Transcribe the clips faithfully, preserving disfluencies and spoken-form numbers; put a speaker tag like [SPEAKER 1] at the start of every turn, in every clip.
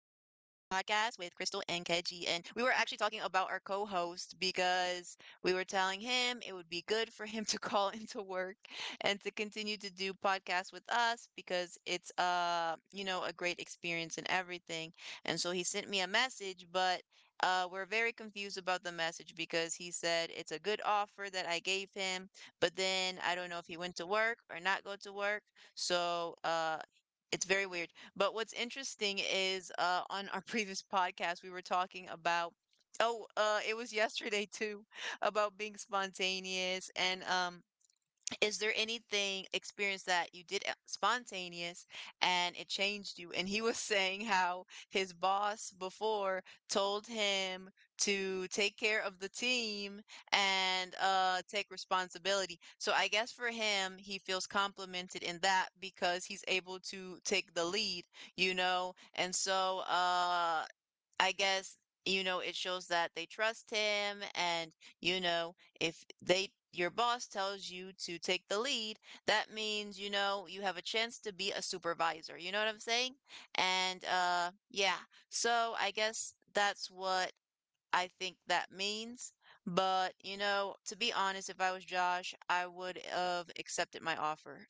[SPEAKER 1] with Crystal and Keji. And we were actually talking about our co host because we were telling him it would be good for him to call into work and to continue to do podcasts with us because it's, uh, you know, a great experience and everything. And so he sent me a message, but uh, we're very confused about the message because he said it's a good offer that I gave him, but then I don't know if he went to work or not go to work. So uh, it's very weird. But what's interesting is uh, on our previous podcast, we were talking about, oh, uh, it was yesterday too, about being spontaneous and um, is there anything experience that you did, uh, spontaneous and it changed you? And he was saying how his boss before told him to take care of the team and uh take responsibility. So I guess for him, he feels complimented in that because he's able to take the lead, you know? And so uh I guess, you know, it shows that they trust him. And, you know, if they, your boss tells you to take the lead, that means, you know, you have a chance to be a supervisor. You know what I'm saying? And, uh, yeah. So I guess that's what I think that means. But, you know, to be honest, if I was Josh, I would have accepted my offer.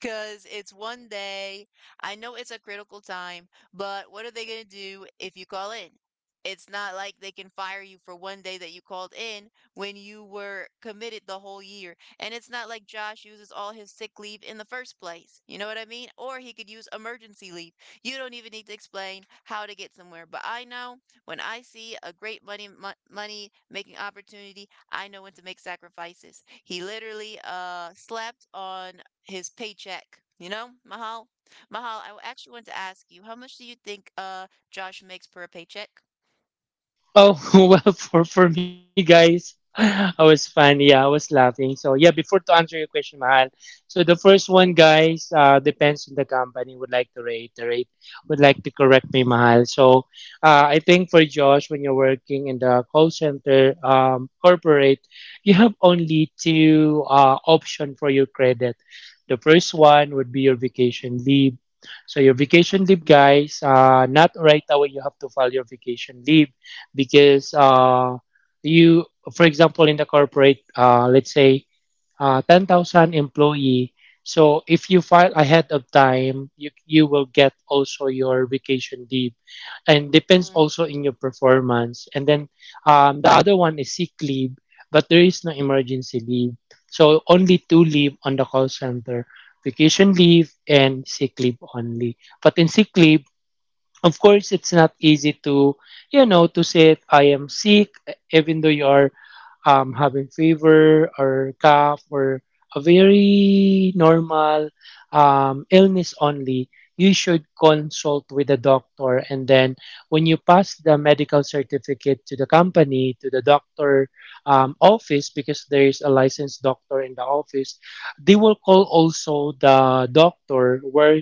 [SPEAKER 1] 'Cause it's one day. I know it's a critical time, but what are they gonna do if you call in? It's not like they can fire you for one day that you called in when you were committed the whole year. And it's not like Josh uses all his sick leave in the first place. You know what I mean? Or he could use emergency leave. You don't even need to explain how to get somewhere. But I know when I see a great money mo- money making opportunity, I know when to make sacrifices. He literally uh slept on his paycheck, you know, Mahal? Mahal, I w- actually want to ask you, how much do you think uh Josh makes per paycheck?
[SPEAKER 2] Oh, well, for, for me, guys, I was fun. Yeah, I was laughing. So, yeah, before to answer your question, Mahal. So, the first one, guys, uh, depends on the company. Would like to reiterate, would like to correct me, Mahal. So, uh, I think for Josh, when you're working in the call center um, corporate, you have only two uh, option for your credit. The first one would be your vacation leave. So, your vacation leave, guys, uh, not right away, you have to file your vacation leave because uh, you, for example, in the corporate, uh, let's say uh, ten thousand employee. So if you file ahead of time, you, you will get also your vacation leave and depends
[SPEAKER 1] Mm.
[SPEAKER 2] also in your performance. And then um, the other one is sick leave, but there is no emergency leave. So only two leave on the call center, vacation leave and sick leave only. But in sick leave, of course it's not easy to you know to say I am sick even though you are um, having fever or cough or a very normal um, illness only, you should consult with the doctor. And then when you pass the medical certificate to the company, to the doctor um, office, because there is a licensed doctor in the office, they will call also the doctor where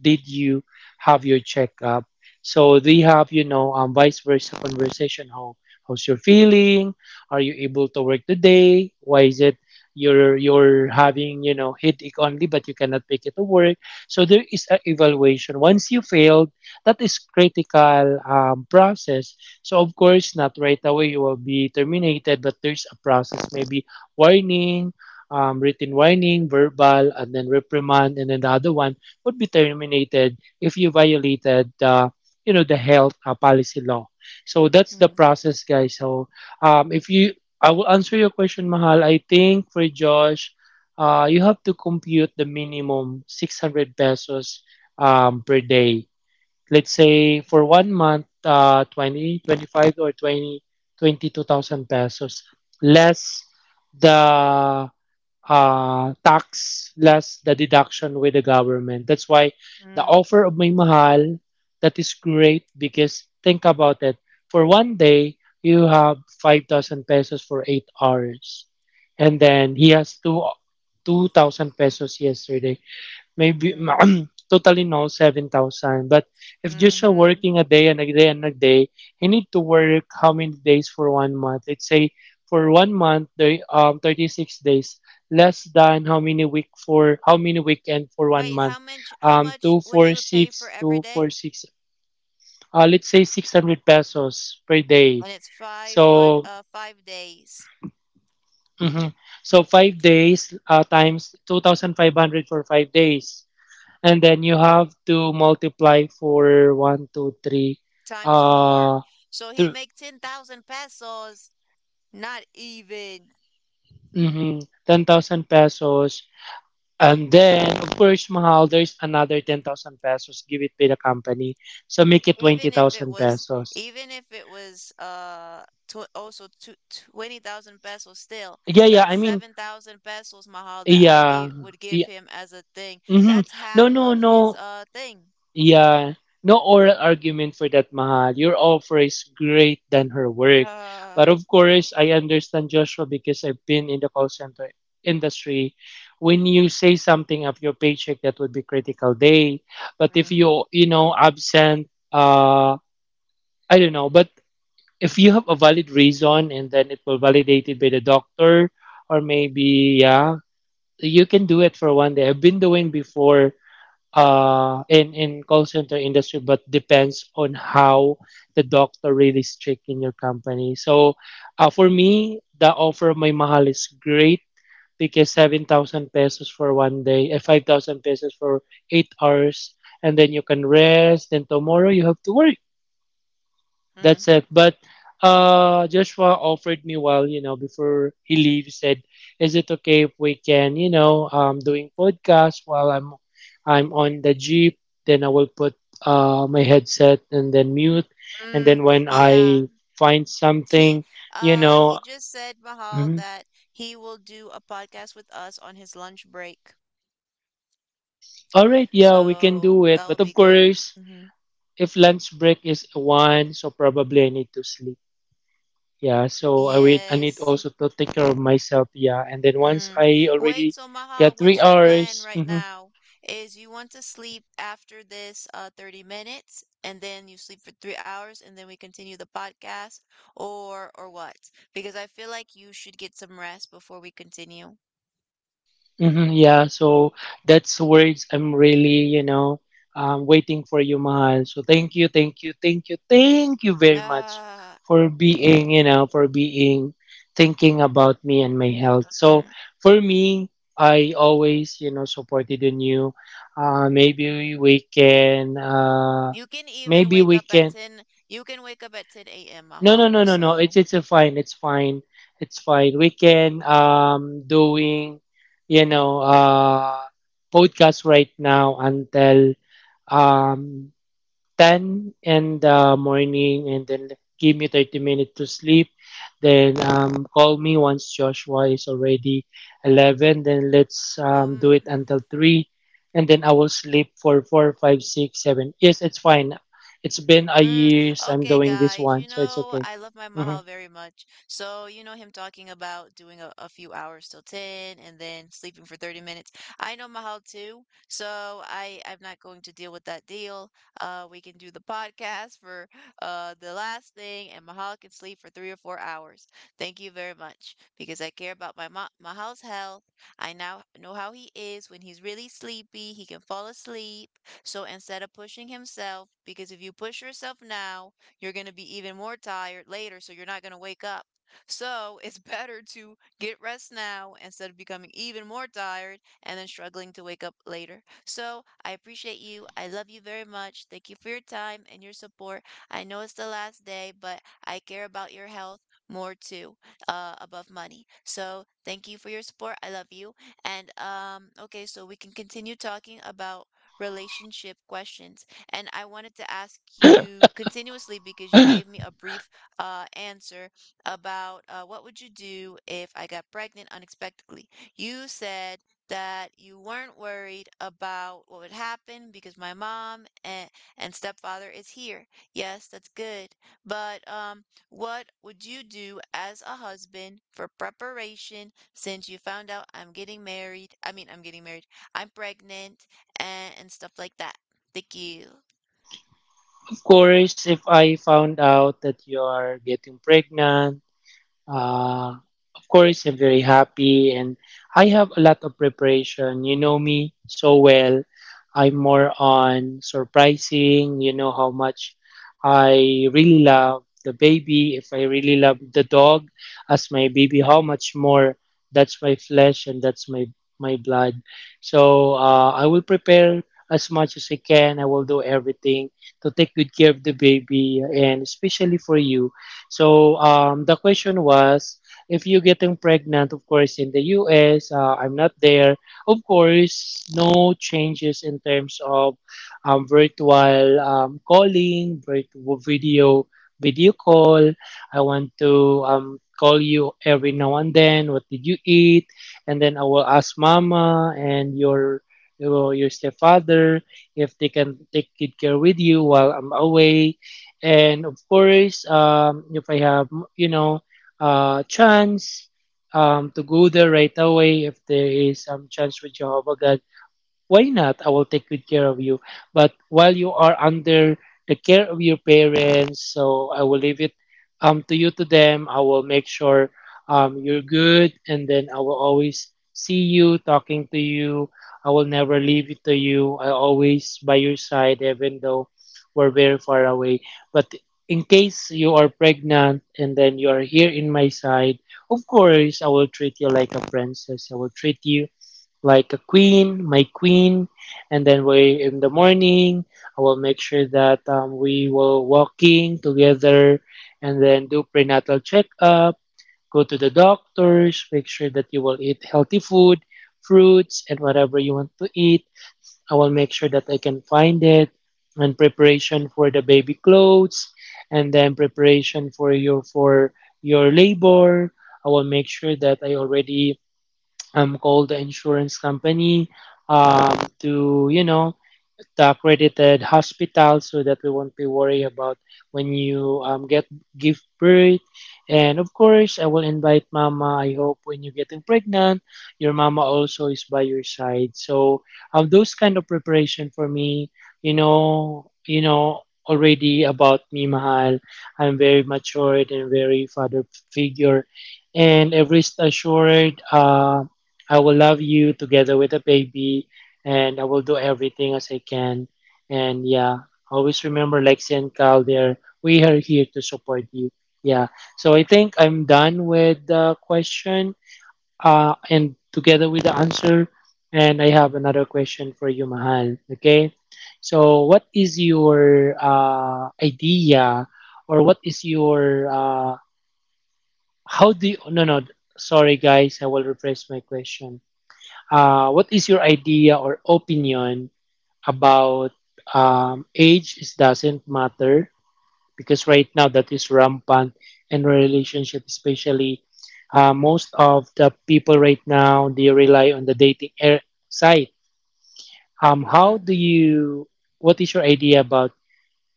[SPEAKER 2] did you have your checkup. So they have, you know, um, vice versa conversation. How how's your feeling? Are you able to work today? Why is it you're you're having you know headache only, but you cannot make it to work? So there is an evaluation. Once you failed, that is critical um, process. So of course, not right away you will be terminated, but there's a process, maybe warning. Um, written warning, verbal, and then reprimand, and then the other one would be terminated if you violated the you know the health uh, policy law, so that's the
[SPEAKER 1] Hmm.
[SPEAKER 2] process, guys. So um, if you, I will answer your question, Mahal. I think for Josh, uh, you have to compute the minimum six hundred pesos um, per day. Let's say for one month, uh, twenty, twenty-five or twenty, twenty-two thousand pesos, less the uh, tax less the deduction with the government. That's why the
[SPEAKER 1] Mm.
[SPEAKER 2] offer of May Mahal that is great because think about it. For one day, you have five thousand pesos for eight hours. And then he has two two thousand pesos yesterday, maybe
[SPEAKER 1] Mm-hmm.
[SPEAKER 2] totally no seven thousand. But if just you're
[SPEAKER 1] Mm-hmm.
[SPEAKER 2] working a day and a day and a day, you need to work how many days for one month? Let's say for one month, the um thirty six days less than how many week, for how many weekend for one
[SPEAKER 1] Wait,
[SPEAKER 2] month?
[SPEAKER 1] how much how
[SPEAKER 2] Um,
[SPEAKER 1] much
[SPEAKER 2] two
[SPEAKER 1] would
[SPEAKER 2] four
[SPEAKER 1] he would pay for
[SPEAKER 2] six
[SPEAKER 1] every
[SPEAKER 2] two four
[SPEAKER 1] day?
[SPEAKER 2] six. Uh, let's say six hundred pesos per day.
[SPEAKER 1] And it's five hundred
[SPEAKER 2] So
[SPEAKER 1] uh five days
[SPEAKER 2] mhm. So five days uh, times two thousand five hundred for five days. And then you have to multiply for one, two, three,
[SPEAKER 1] times
[SPEAKER 2] uh,
[SPEAKER 1] four. So he
[SPEAKER 2] th-
[SPEAKER 1] make ten thousand pesos. Not even.
[SPEAKER 2] mhm, ten thousand pesos. And then, of course, Mahal, there's another ten thousand pesos. Give it to the company. So make it
[SPEAKER 1] Even if it
[SPEAKER 2] twenty thousand
[SPEAKER 1] was,
[SPEAKER 2] pesos.
[SPEAKER 1] even if it was, uh, tw also tw twenty thousand pesos still,
[SPEAKER 2] Yeah, yeah, I
[SPEAKER 1] that's
[SPEAKER 2] mean,
[SPEAKER 1] seven thousand pesos, Mahal, that I
[SPEAKER 2] yeah.
[SPEAKER 1] gave would
[SPEAKER 2] Yeah.
[SPEAKER 1] give him as a thing.
[SPEAKER 2] Hmm.
[SPEAKER 1] That's
[SPEAKER 2] No,
[SPEAKER 1] half
[SPEAKER 2] no,
[SPEAKER 1] of his
[SPEAKER 2] no.
[SPEAKER 1] uh thing.
[SPEAKER 2] Yeah, no oral argument for that, Mahal. Your offer is great than her work. But
[SPEAKER 1] Uh,
[SPEAKER 2] of course, I understand Joshua because I've been in the call center industry. When you say something of your paycheck, that would be critical day. But if
[SPEAKER 1] mm,
[SPEAKER 2] you, you know, absent, uh, I don't know, but if you have a valid reason and then it will validate it by the doctor or maybe, yeah, you can do it for one day. I've been doing before uh, in in call center industry, but depends on how the doctor really strict in your company. So, uh, for me, the offer of my Mahal is great because seven thousand pesos for one day, and five thousand pesos for eight hours, and then you can rest. Then tomorrow you have to work. That's
[SPEAKER 1] mm,
[SPEAKER 2] it. But uh, Joshua offered me while you know before he leaves said, "Is it okay if we can you know um doing podcast while I'm I'm on the jeep? Then I will put uh my headset and then mute, and then
[SPEAKER 1] mm,
[SPEAKER 2] when I
[SPEAKER 1] yeah.
[SPEAKER 2] find something,
[SPEAKER 1] He
[SPEAKER 2] you
[SPEAKER 1] uh
[SPEAKER 2] know,"
[SPEAKER 1] he just said, Mahal,
[SPEAKER 2] mhm.
[SPEAKER 1] that he will do a podcast with us on his lunch break.
[SPEAKER 2] All right, yeah, we can
[SPEAKER 1] So
[SPEAKER 2] do it.
[SPEAKER 1] that
[SPEAKER 2] But
[SPEAKER 1] would
[SPEAKER 2] of
[SPEAKER 1] be good.
[SPEAKER 2] course,
[SPEAKER 1] Hmm.
[SPEAKER 2] if lunch break is one, so probably I need to sleep. Yeah, so I wait. I need
[SPEAKER 1] Yes.
[SPEAKER 2] also to take care of myself. Yeah, and then once
[SPEAKER 1] Mm.
[SPEAKER 2] I
[SPEAKER 1] Wait,
[SPEAKER 2] already
[SPEAKER 1] so Mahal,
[SPEAKER 2] get three
[SPEAKER 1] what's your plan
[SPEAKER 2] hours,
[SPEAKER 1] right
[SPEAKER 2] hmm.
[SPEAKER 1] now? Is you want to sleep after this uh thirty minutes and then you sleep for three hours and then we continue the podcast, or or what? Because I feel like you should get some rest before we continue.
[SPEAKER 2] Hmm, yeah. So that's words I'm really, you know, um, waiting for you, Mahal. So thank you, thank you, thank you, thank you very much
[SPEAKER 1] Ah.
[SPEAKER 2] for being, you know, for being thinking about me and my health. So
[SPEAKER 1] Mm.
[SPEAKER 2] for me, I always, you know, supported in you. Uh, maybe we can, uh,
[SPEAKER 1] You can even
[SPEAKER 2] maybe
[SPEAKER 1] wake
[SPEAKER 2] we
[SPEAKER 1] up at
[SPEAKER 2] can.
[SPEAKER 1] ten. You can wake up at ten a m,
[SPEAKER 2] No, no,
[SPEAKER 1] Mahal.
[SPEAKER 2] no, no, no. It's
[SPEAKER 1] So,
[SPEAKER 2] it's a fine. It's fine. It's fine. We can um doing you know uh podcast right now until um ten in the morning and then give me thirty minutes to sleep. Then um, call me once Joshua is already eleven. Then let's um,
[SPEAKER 1] um
[SPEAKER 2] do it until three. And then I will sleep for four, five, six, seven. Yes, it's fine. It's been a
[SPEAKER 1] Mm,
[SPEAKER 2] year I'm
[SPEAKER 1] okay,
[SPEAKER 2] doing this
[SPEAKER 1] guys.
[SPEAKER 2] one,
[SPEAKER 1] You
[SPEAKER 2] so it's
[SPEAKER 1] know,
[SPEAKER 2] okay.
[SPEAKER 1] I love my Mahal
[SPEAKER 2] Mhm.
[SPEAKER 1] very much. So, you know, him talking about doing a, a few hours till ten and then sleeping for thirty minutes. I know Mahal too, so I I'm not going to deal with that deal. Uh, we can do the podcast for uh the last thing, and Mahal can sleep for three or four hours. Thank you very much because I care about my ma Mahal's health. I now know how he is when he's really sleepy. He can fall asleep. So instead of pushing himself, because if you push yourself now, you're going to be even more tired later, so you're not going to wake up. So it's better to get rest now instead of becoming even more tired and then struggling to wake up later. So I appreciate you. I love you very much. Thank you for your time and your support. I know it's the last day, but I care about your health more too, uh, above money. So thank you for your support. I love you. And um, okay, so we can continue talking about relationship questions. And I wanted to ask you continuously because you gave me a brief uh, answer about uh, what would you do if I got pregnant unexpectedly. You said that you weren't worried about what would happen because my mom and, and stepfather is here. Yes, that's good. But um, what would you do as a husband for preparation since you found out I'm getting married? I mean, I'm getting married. I'm pregnant and, and stuff like that. Thank you.
[SPEAKER 2] Of course, if I found out that you are getting pregnant, uh, of course, I'm very happy and I have a lot of preparation. You know me so well. I'm more on surprising. You know how much I really love the baby. If I really love the dog as my baby, how much more that's my flesh and that's my, my blood. So uh, I will prepare as much as I can. I will do everything to take good care of the baby and especially for you. So um, the question was, if you getting pregnant, of course, in the U S, uh, I'm not there. Of course, no changes in terms of um, virtual um, calling, virtual video, video call. I want to um, call you every now and then. What did you eat? And then I will ask Mama and your your your stepfather if they can take good care with you while I'm away. And of course, um, if I have, you know, uh, chance um, to go there right away, if there is some chance with Jehovah God, why not? I will take good care of you. But while you are under the care of your parents, so I will leave it um to you, to them. I will make sure um you're good, and then I will always see you, talking to you. I will never leave it to you. I always by your side, even though we're very far away. But in case you are pregnant and then you are here in my side, of course I will treat you like a princess. I will treat you like a queen, my queen, and then we in the morning I will make sure that um, we will walking together and then do prenatal checkup, go to the doctors, make sure that you will eat healthy food, fruits and whatever you want to eat. I will make sure that I can find it and preparation for the baby clothes and then preparation for your for your labor. I will make sure that I already um, call the insurance company um, to you know the accredited hospital so that we won't be worried about when you um, get give birth. And of course, I will invite Mama. I hope when you're getting pregnant, your mama also is by your side. So um, those kind of preparation for me, you know, you know already about me, Mahal. I'm very matured and very father figure. And I rest assured, uh, I will love you together with the baby and I will do everything as I can. And yeah, always remember Lexi and Cal, there we are here to support you. Yeah. So I think I'm done with the question uh, and together with the answer. And I have another question for you, Mahal. Okay. So what is your uh, idea or what is your uh, how do you no no sorry guys, I will rephrase my question. Uh, what is your idea or opinion about um, age is doesn't matter because right now that is rampant in relationship, especially uh, most of the people right now they rely on the dating air site. Um, how
[SPEAKER 1] Mm.
[SPEAKER 2] do you, what is your idea about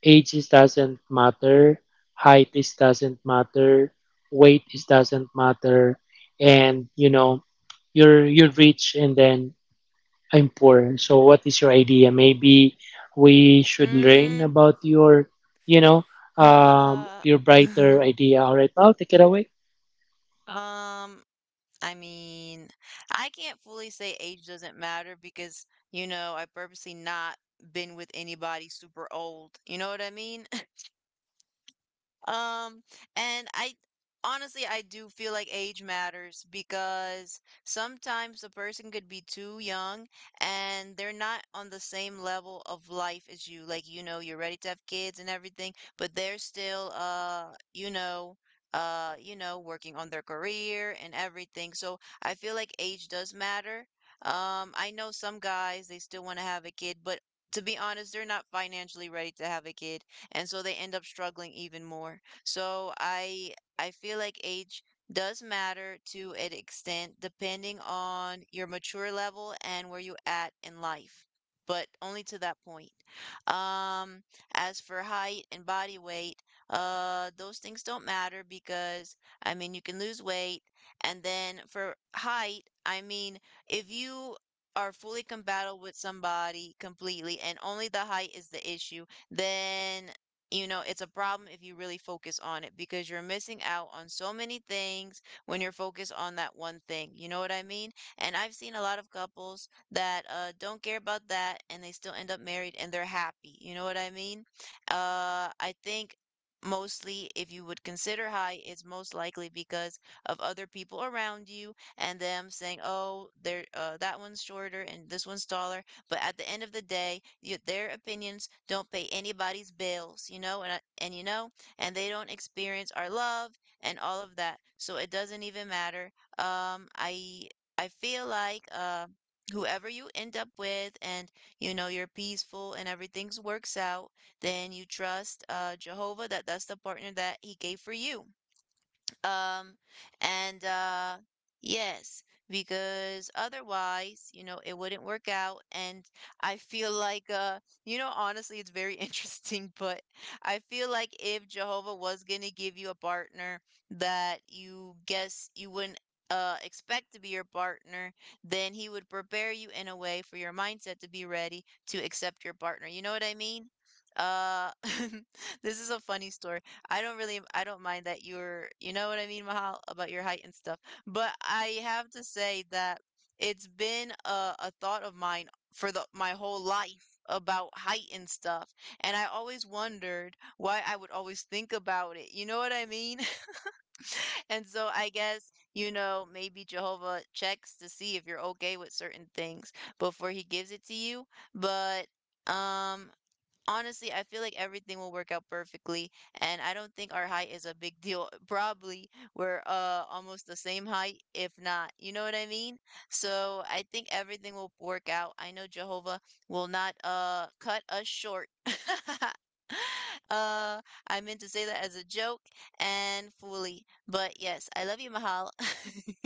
[SPEAKER 2] age is doesn't matter, height is doesn't matter, weight is doesn't matter, and you know your your reach and then I'm poor. So what is your idea? Maybe we should learn
[SPEAKER 1] Mm.
[SPEAKER 2] about your, you know, um,
[SPEAKER 1] Uh,
[SPEAKER 2] your brighter idea. All right, I'll take it away.
[SPEAKER 1] um, I mean, I can't fully say age doesn't matter because, you know, I purposely not been with anybody super old. You know what I mean? Um, and I honestly, I do feel like age matters because sometimes a person could be too young and they're not on the same level of life as you. Like, you know, you're ready to have kids and everything, but they're still, uh, you know, uh, you know, working on their career and everything. So I feel like age does matter. Um, I know some guys, they still want to have a kid, but to be honest, they're not financially ready to have a kid, and so they end up struggling even more. So I I feel like age does matter to an extent depending on your mature level and where you at in life, but only to that point. Um, as for height and body weight, uh, those things don't matter because I mean you can lose weight, and then for height, I mean if you are fully compatible with somebody completely and only the height is the issue, then, you know, it's a problem if you really focus on it because you're missing out on so many things when you're focused on that one thing. You know what I mean? And I've seen a lot of couples that uh, don't care about that and they still end up married and they're happy. You know what I mean? Uh, I think mostly if you would consider high, it's most likely because of other people around you and them saying, "Oh, there, uh, that one's shorter and this one's taller." But at the end of the day, y their opinions don't pay anybody's bills, you know, and and you know, and they don't experience our love and all of that. So it doesn't even matter. Um, I I feel like, uh, whoever you end up with, and you know you're peaceful and everything's works out, then you trust, uh, Jehovah that that's the partner that He gave for you. Um, and uh, yes, because otherwise, you know, it wouldn't work out. And I feel like, uh, you know, honestly, it's very interesting, but I feel like if Jehovah was gonna give you a partner that you guess you wouldn't. Uh, expect to be your partner, then he would prepare you in a way for your mindset to be ready to accept your partner. You know what I mean? Uh, this is a funny story. I don't really I don't mind that you're, you know what I mean, Mahal, about your height and stuff. But I have to say that it's been a, a thought of mine for the my whole life about height and stuff. And I always wondered why I would always think about it. You know what I mean? And so I guess, you know, maybe Jehovah checks to see if you're okay with certain things before he gives it to you. But um honestly, I feel like everything will work out perfectly, and I don't think our height is a big deal. Probably we're uh almost the same height, if not. You know what I mean? So I think everything will work out. I know Jehovah will not uh cut us short. uh, I meant to say that as a joke and fully, but yes, I love you, Mahal.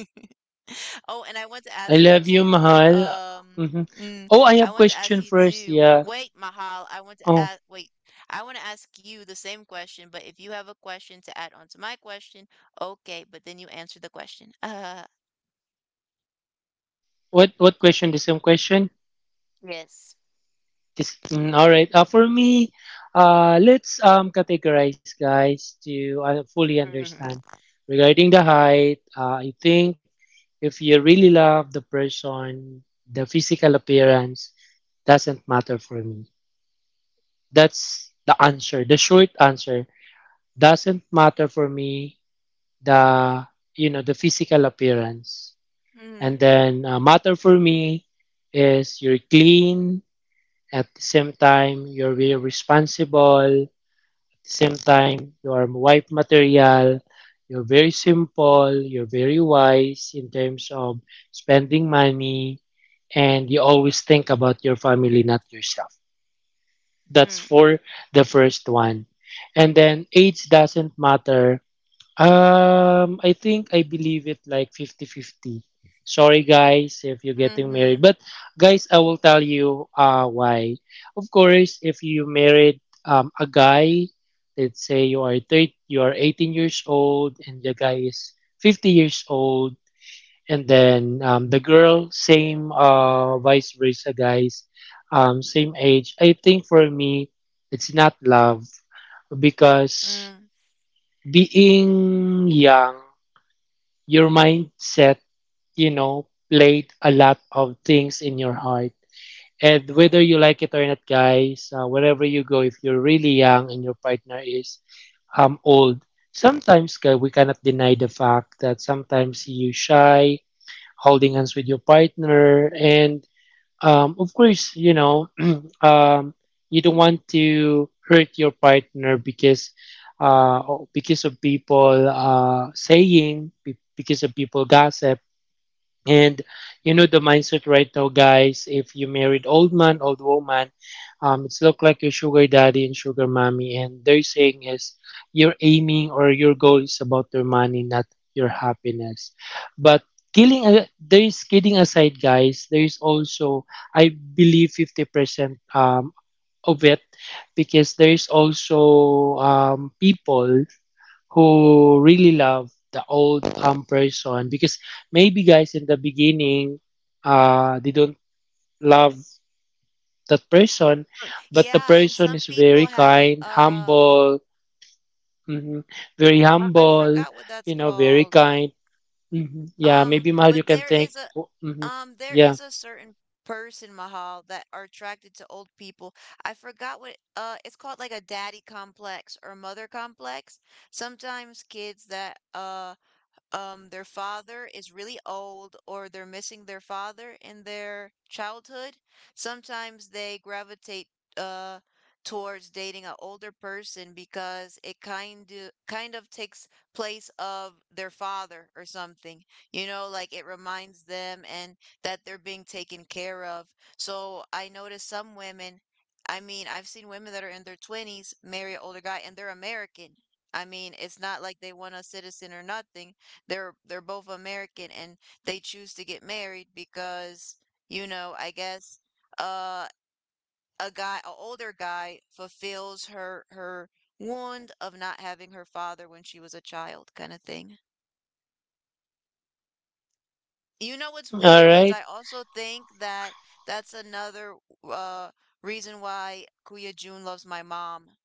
[SPEAKER 1] Oh, and I want to
[SPEAKER 2] I
[SPEAKER 1] ask you
[SPEAKER 2] love you,
[SPEAKER 1] too.
[SPEAKER 2] Mahal.
[SPEAKER 1] Um,
[SPEAKER 2] Hmm.
[SPEAKER 1] mm,
[SPEAKER 2] Oh, I have
[SPEAKER 1] I want to
[SPEAKER 2] question
[SPEAKER 1] ask you
[SPEAKER 2] first.
[SPEAKER 1] too.
[SPEAKER 2] Yeah.
[SPEAKER 1] Wait, Mahal, I want to
[SPEAKER 2] Oh,
[SPEAKER 1] ask. Wait, I want to ask you the same question, but if you have a question to add on to my question, okay. But then you answer the question. Uh,
[SPEAKER 2] what what question? The same question?
[SPEAKER 1] yes.
[SPEAKER 2] Just mm, all right. Uh, for me, uh, let's um categorize, guys, to uh, fully
[SPEAKER 1] Hmm.
[SPEAKER 2] understand regarding the height. Uh, I think if you really love the person, the physical appearance doesn't matter for me. That's the answer. The short answer doesn't matter for me. The you know the physical appearance, and
[SPEAKER 1] Mm.
[SPEAKER 2] then uh, matter for me is you're clean. At the same time, you're very responsible. At the same time, you are wife material. You're very simple. You're very wise in terms of spending money. And you always think about your family, not yourself. That's
[SPEAKER 1] Mm.
[SPEAKER 2] for the first one. And then age doesn't matter. Um, I think I believe it like fifty-fifty. Sorry guys if you're getting married.
[SPEAKER 1] Hmm.
[SPEAKER 2] But guys, I will tell you uh why. Of course, if you married um a guy, let's say you are thirty, you are eighteen years old and the guy is fifty years old, and then um, the girl same uh vice versa, guys, um same age. I think for me it's not love because
[SPEAKER 1] Mm.
[SPEAKER 2] being young, your mindset, you know, played a lot of things in your heart. And whether you like it or not, guys, uh, wherever you go, if you're really young and your partner is um old, sometimes guys, we cannot deny the fact that sometimes you shy holding hands with your partner, and um, of course, you know, um, you don't want to hurt your partner because uh, because of people uh, saying, be- because of people gossip. And you know the mindset right now, guys. If you married old man, old woman, um, it's look like your sugar daddy and sugar mommy, and they're saying is your aiming or your goal is about their money, not your happiness. But killing, a- there is kidding aside, guys. There is also, I believe, fifty percent um of it, because there is also um people who really love the old um person because maybe guys in the beginning uh they don't love that person, but the
[SPEAKER 1] Yeah, and
[SPEAKER 2] person
[SPEAKER 1] some
[SPEAKER 2] is
[SPEAKER 1] people
[SPEAKER 2] very
[SPEAKER 1] have
[SPEAKER 2] kind,
[SPEAKER 1] uh,
[SPEAKER 2] humble, mhm, very
[SPEAKER 1] I I
[SPEAKER 2] humble,
[SPEAKER 1] forgot what that's
[SPEAKER 2] you know, very
[SPEAKER 1] called.
[SPEAKER 2] kind. Hmm, yeah,
[SPEAKER 1] Um,
[SPEAKER 2] maybe Mahal you
[SPEAKER 1] but
[SPEAKER 2] can
[SPEAKER 1] there
[SPEAKER 2] think.
[SPEAKER 1] is
[SPEAKER 2] Mhm,
[SPEAKER 1] Um, there
[SPEAKER 2] yeah.
[SPEAKER 1] is a certain person, Mahal, that are attracted to old people. I forgot what uh it's called like a daddy complex or a mother complex. Sometimes kids that uh um their father is really old or they're missing their father in their childhood, sometimes they gravitate uh towards dating an older person because it kind of kind of takes place of their father or something. You know, like it reminds them and that they're being taken care of. So I noticed some women. I mean, I've seen women that are in their twenties marry an older guy and they're American. I mean, it's not like they want a citizen or nothing. They're they're both American and they choose to get married because, you know, I guess uh a guy, a older guy fulfills her her wound of not having her father when she was a child kind of thing. You know what's
[SPEAKER 2] Mm-hmm, all
[SPEAKER 1] weird is
[SPEAKER 2] right.
[SPEAKER 1] I also think that that's another uh reason why Kuya Jun loves my mom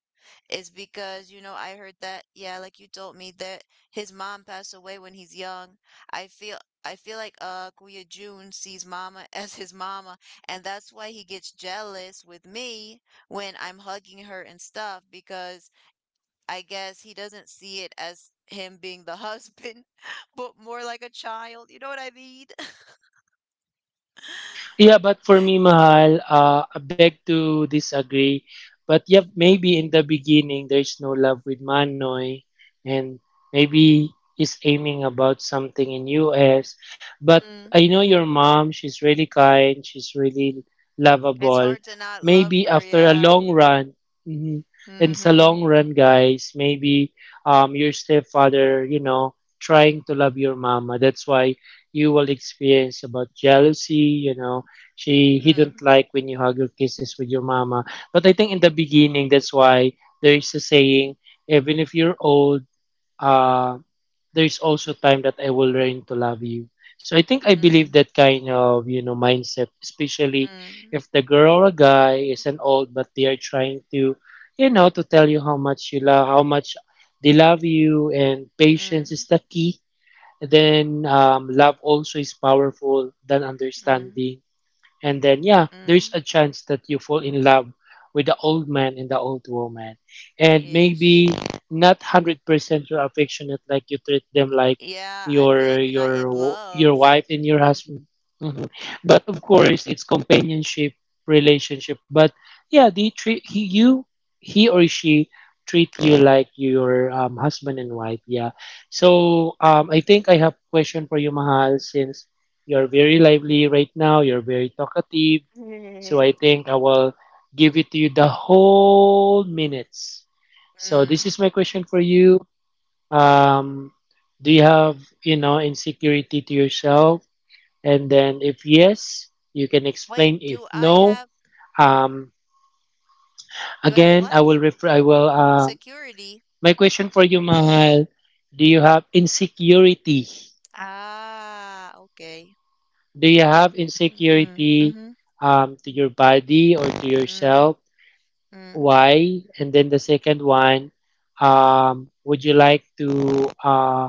[SPEAKER 1] is because, you know, I heard that, yeah, like you told me that his mom passed away when he's young. I feel I feel like uh Kuya June sees mama as his mama, and that's why he gets jealous with me when I'm hugging her and stuff, because I guess he doesn't see it as him being the husband, but more like a child. You know what I mean?
[SPEAKER 2] Yeah, but for me, Mahal, uh, I beg to disagree. But yeah, maybe in the beginning there's no love with Manoy, and maybe he's aiming about something in U S. But
[SPEAKER 1] Mm.
[SPEAKER 2] I know your mom; she's really kind. She's really
[SPEAKER 1] It's
[SPEAKER 2] lovable.
[SPEAKER 1] hard to not love
[SPEAKER 2] Maybe
[SPEAKER 1] her,
[SPEAKER 2] after a
[SPEAKER 1] yeah.
[SPEAKER 2] long run, mhm, and
[SPEAKER 1] Mm-hmm.
[SPEAKER 2] sa
[SPEAKER 1] Mm,
[SPEAKER 2] long run, guys, maybe um your stepfather, you know, trying to love your mama. That's why you will experience about jealousy, you know. She he didn't like when you hug your kisses with your mama. But I think in the beginning that's why there is a saying, even if you're old, uh there is also time that I will learn to love you. So I think I believe
[SPEAKER 1] mm,
[SPEAKER 2] that kind of, you know, mindset, especially
[SPEAKER 1] mm,
[SPEAKER 2] if the girl or a guy is an old but they are trying to, you know, to tell you how much you love how much they love you, and patience is
[SPEAKER 1] mm,
[SPEAKER 2] the key. Then um, love also is powerful than
[SPEAKER 1] mm,
[SPEAKER 2] understanding. And then, yeah, there's a
[SPEAKER 1] mm,
[SPEAKER 2] chance that you fall in love with the old man and the old woman. And
[SPEAKER 1] Yes.
[SPEAKER 2] maybe not one hundred percent you're affectionate, like you treat them like
[SPEAKER 1] Yeah, I feel
[SPEAKER 2] your
[SPEAKER 1] like you're
[SPEAKER 2] your
[SPEAKER 1] not in love.
[SPEAKER 2] your wife and your husband. Mhm. But of course, it's companionship relationship. But yeah, they treat he, you, he or she treat you like your um, husband and wife. Yeah. So um, I think I have question for you, Mahal, since you're very lively right now. You're very talkative. So I think I will give it to you the whole minutes. So this
[SPEAKER 1] Mm.
[SPEAKER 2] is my question for you. Um, do you have, you know, insecurity to yourself? And then if yes, you can
[SPEAKER 1] Wait,
[SPEAKER 2] explain. If
[SPEAKER 1] do I
[SPEAKER 2] no,
[SPEAKER 1] have,
[SPEAKER 2] um,
[SPEAKER 1] do I have
[SPEAKER 2] again, I will
[SPEAKER 1] what?
[SPEAKER 2] refer, I will, uh,
[SPEAKER 1] Security.
[SPEAKER 2] my question for you, Mahal, do you have insecurity?
[SPEAKER 1] Ah, okay.
[SPEAKER 2] Do you have
[SPEAKER 1] Mm-mm,
[SPEAKER 2] insecurity
[SPEAKER 1] mm-hmm.
[SPEAKER 2] um, to your body or to
[SPEAKER 1] Mm,
[SPEAKER 2] yourself?
[SPEAKER 1] mm,
[SPEAKER 2] Why? And then the second one, um, would you like to uh,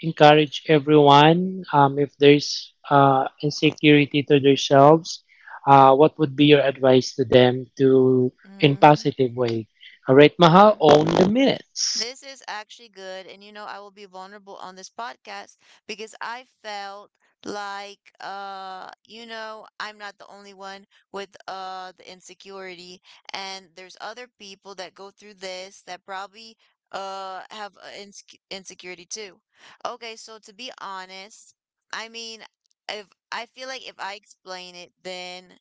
[SPEAKER 2] encourage everyone um, if there's uh, insecurity to themselves? Uh, what would be your advice to them to in
[SPEAKER 1] mm,
[SPEAKER 2] positive way? All right, Mahal,
[SPEAKER 1] mm.
[SPEAKER 2] own the minutes.
[SPEAKER 1] This is actually good. And you know, I will be vulnerable on this podcast because I felt like uh, you know, I'm not the only one with uh the insecurity, and there's other people that go through this that probably uh have uh, insec insecurity too. Okay, so to be honest, I mean, if I feel like if I explain it, then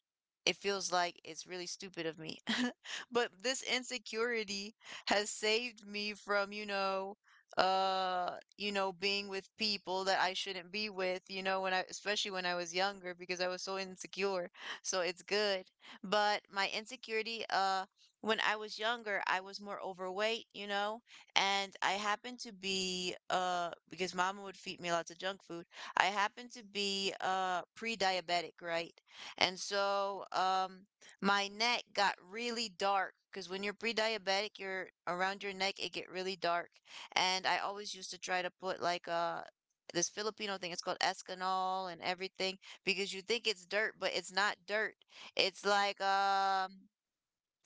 [SPEAKER 1] it feels like it's really stupid of me. But this insecurity has saved me from, you know, uh, you know, being with people that I shouldn't be with, you know, when I, especially when I was younger because I was so insecure. So it's good. But my insecurity, uh, when I was younger, I was more overweight, you know, and I happened to be, uh, because mama would feed me lots of junk food. I happened to be, uh, pre-diabetic, right? And so, um, my neck got really dark because when you're pre-diabetic, you're around your neck it get really dark. And I always used to try to put like a this Filipino thing. It's called Escanol and everything because you think it's dirt, but it's not dirt. It's like um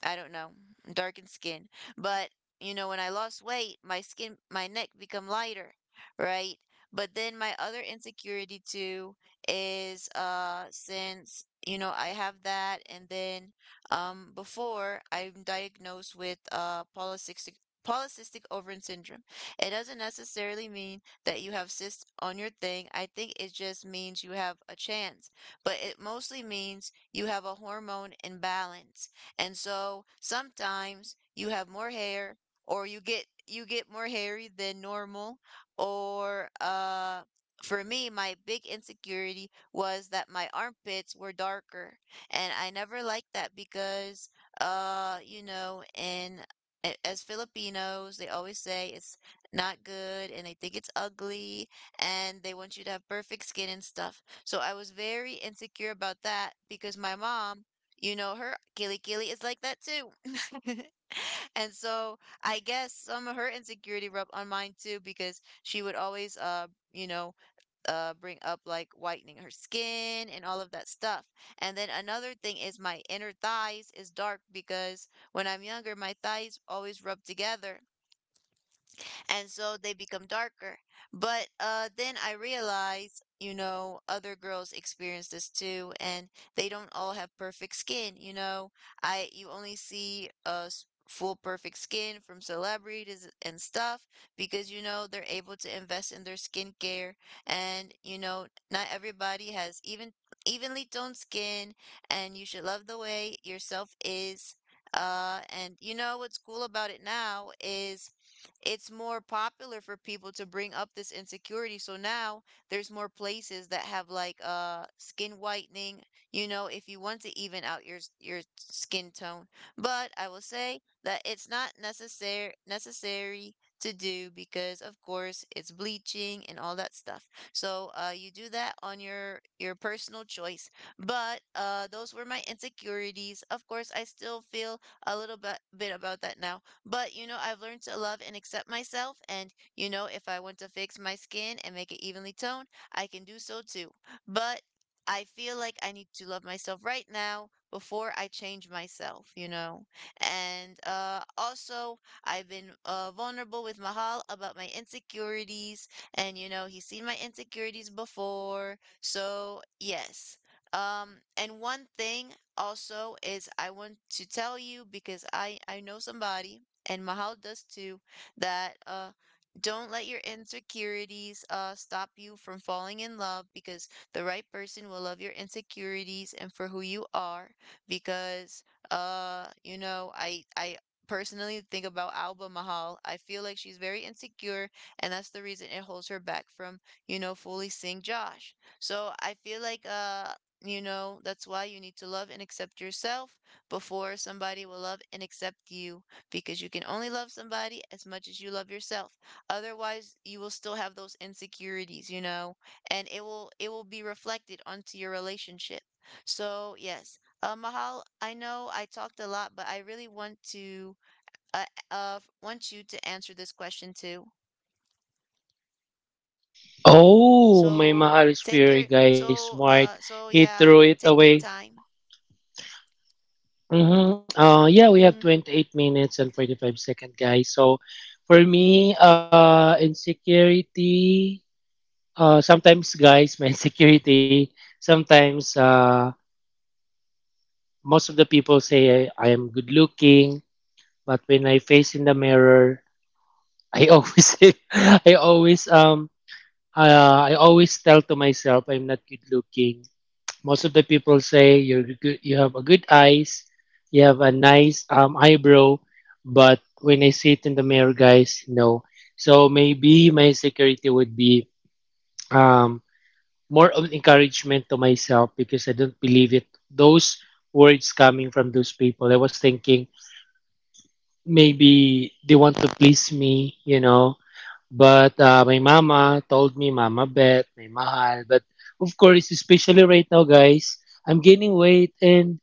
[SPEAKER 1] I don't know, darkened skin. But you know, when I lost weight, my skin, my neck become lighter, right? But then my other insecurity too is uh since you know I have that, and then um before I'm diagnosed with uh polycystic polycystic ovarian syndrome. It doesn't necessarily mean that you have cysts on your thing. I think it just means you have a chance, but it mostly means you have a hormone imbalance, and so sometimes you have more hair or you get you get more hairy than normal or uh for me my big insecurity was that my armpits were darker, and I never liked that because uh you know in a- as Filipinos they always say it's not good and they think it's ugly and they want you to have perfect skin and stuff. So I was very insecure about that because my mom, you know her? Gilly Gilly is like that too. And so I guess some of her insecurity rubbed on mine too because she would always uh you know uh bring up like whitening her skin and all of that stuff. And then another thing is my inner thighs is dark because when I'm younger my thighs always rub together, and so they become darker. But uh, then I realized, you know, other girls experience this too, and they don't all have perfect skin. You know, I you only see uh s- full perfect skin from celebrities and stuff because you know they're able to invest in their skincare, and you know not everybody has even evenly toned skin, and you should love the way yourself is. Uh, and you know what's cool about it now is it's more popular for people to bring up this insecurity. So now there's more places that have like uh skin whitening, you know, if you want to even out your s- your skin tone. But I will say that it's not necessary necessary to do because of course it's bleaching and all that stuff. So uh you do that on your your personal choice. But uh those were my insecurities. Of course I still feel a little bit bit about that now, but, you know, I've learned to love and accept myself. And, you know, if I want to fix my skin and make it evenly toned, I can do so too. But I feel like I need to love myself right now before I change myself, you know? And uh, also, I've been uh, vulnerable with Mahal about my insecurities. And, you know, he's seen my insecurities before. So, yes. Um, and one thing also is I want to tell you because I I know somebody, and Mahal does too, that uh don't let your insecurities uh stop you from falling in love because the right person will love your insecurities and for who you are, because uh you know I I personally think about Alba Mahal. I feel like she's very insecure and that's the reason it holds her back from, you know, fully seeing Josh. So I feel like uh you know, that's why you need to love and accept yourself before somebody will love and accept you, because you can only love somebody as much as you love yourself. Otherwise, you will still have those insecurities, you know, and it will it will be reflected onto your relationship. So, yes. Uh, Mahal, I know I talked a lot, but I really want to uh, uh want you to answer this question too.
[SPEAKER 2] Oh, my
[SPEAKER 1] So,
[SPEAKER 2] Mahal is
[SPEAKER 1] take your
[SPEAKER 2] very guys,
[SPEAKER 1] so
[SPEAKER 2] smart.
[SPEAKER 1] uh so
[SPEAKER 2] He
[SPEAKER 1] yeah,
[SPEAKER 2] threw it
[SPEAKER 1] take your
[SPEAKER 2] away.
[SPEAKER 1] time.
[SPEAKER 2] Hmm Uh, yeah, we have
[SPEAKER 1] Mhm.
[SPEAKER 2] twenty eight minutes and forty five seconds, guys. So for me, uh, insecurity, uh, sometimes, guys, my insecurity, sometimes uh, most of the people say I, I'm good looking, but when I face in the mirror, I always, I always, um, uh, I always tell to myself I'm not good looking. Most of the people say you are good. You have a good eyes, you have a nice um, eyebrow, but when I see it in the mirror, guys, no. So maybe my security would be um, more of encouragement to myself because I don't believe it. Those words coming from those people, I was thinking maybe they want to please me, you know. But uh, my mama told me, Mama Bet, may mahal. But of course, especially right now, guys, I'm gaining weight, and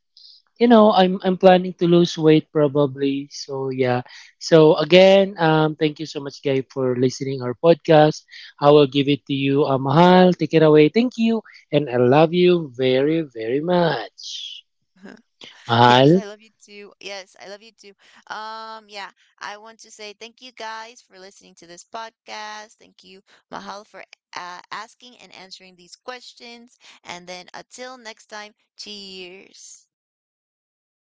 [SPEAKER 2] you know, I'm I'm planning to lose weight probably. So yeah. So again, um, thank you so much, guy, for listening our podcast. I will give it to you, uh, Mahal. Take it away. Thank you, and I love you very very much,
[SPEAKER 1] Yes,
[SPEAKER 2] Mahal.
[SPEAKER 1] I love you too. Yes, I love you too. Um, yeah, I want to say thank you guys for listening to this podcast. Thank you, Mahal, for uh, asking and answering these questions. And then until next time, cheers.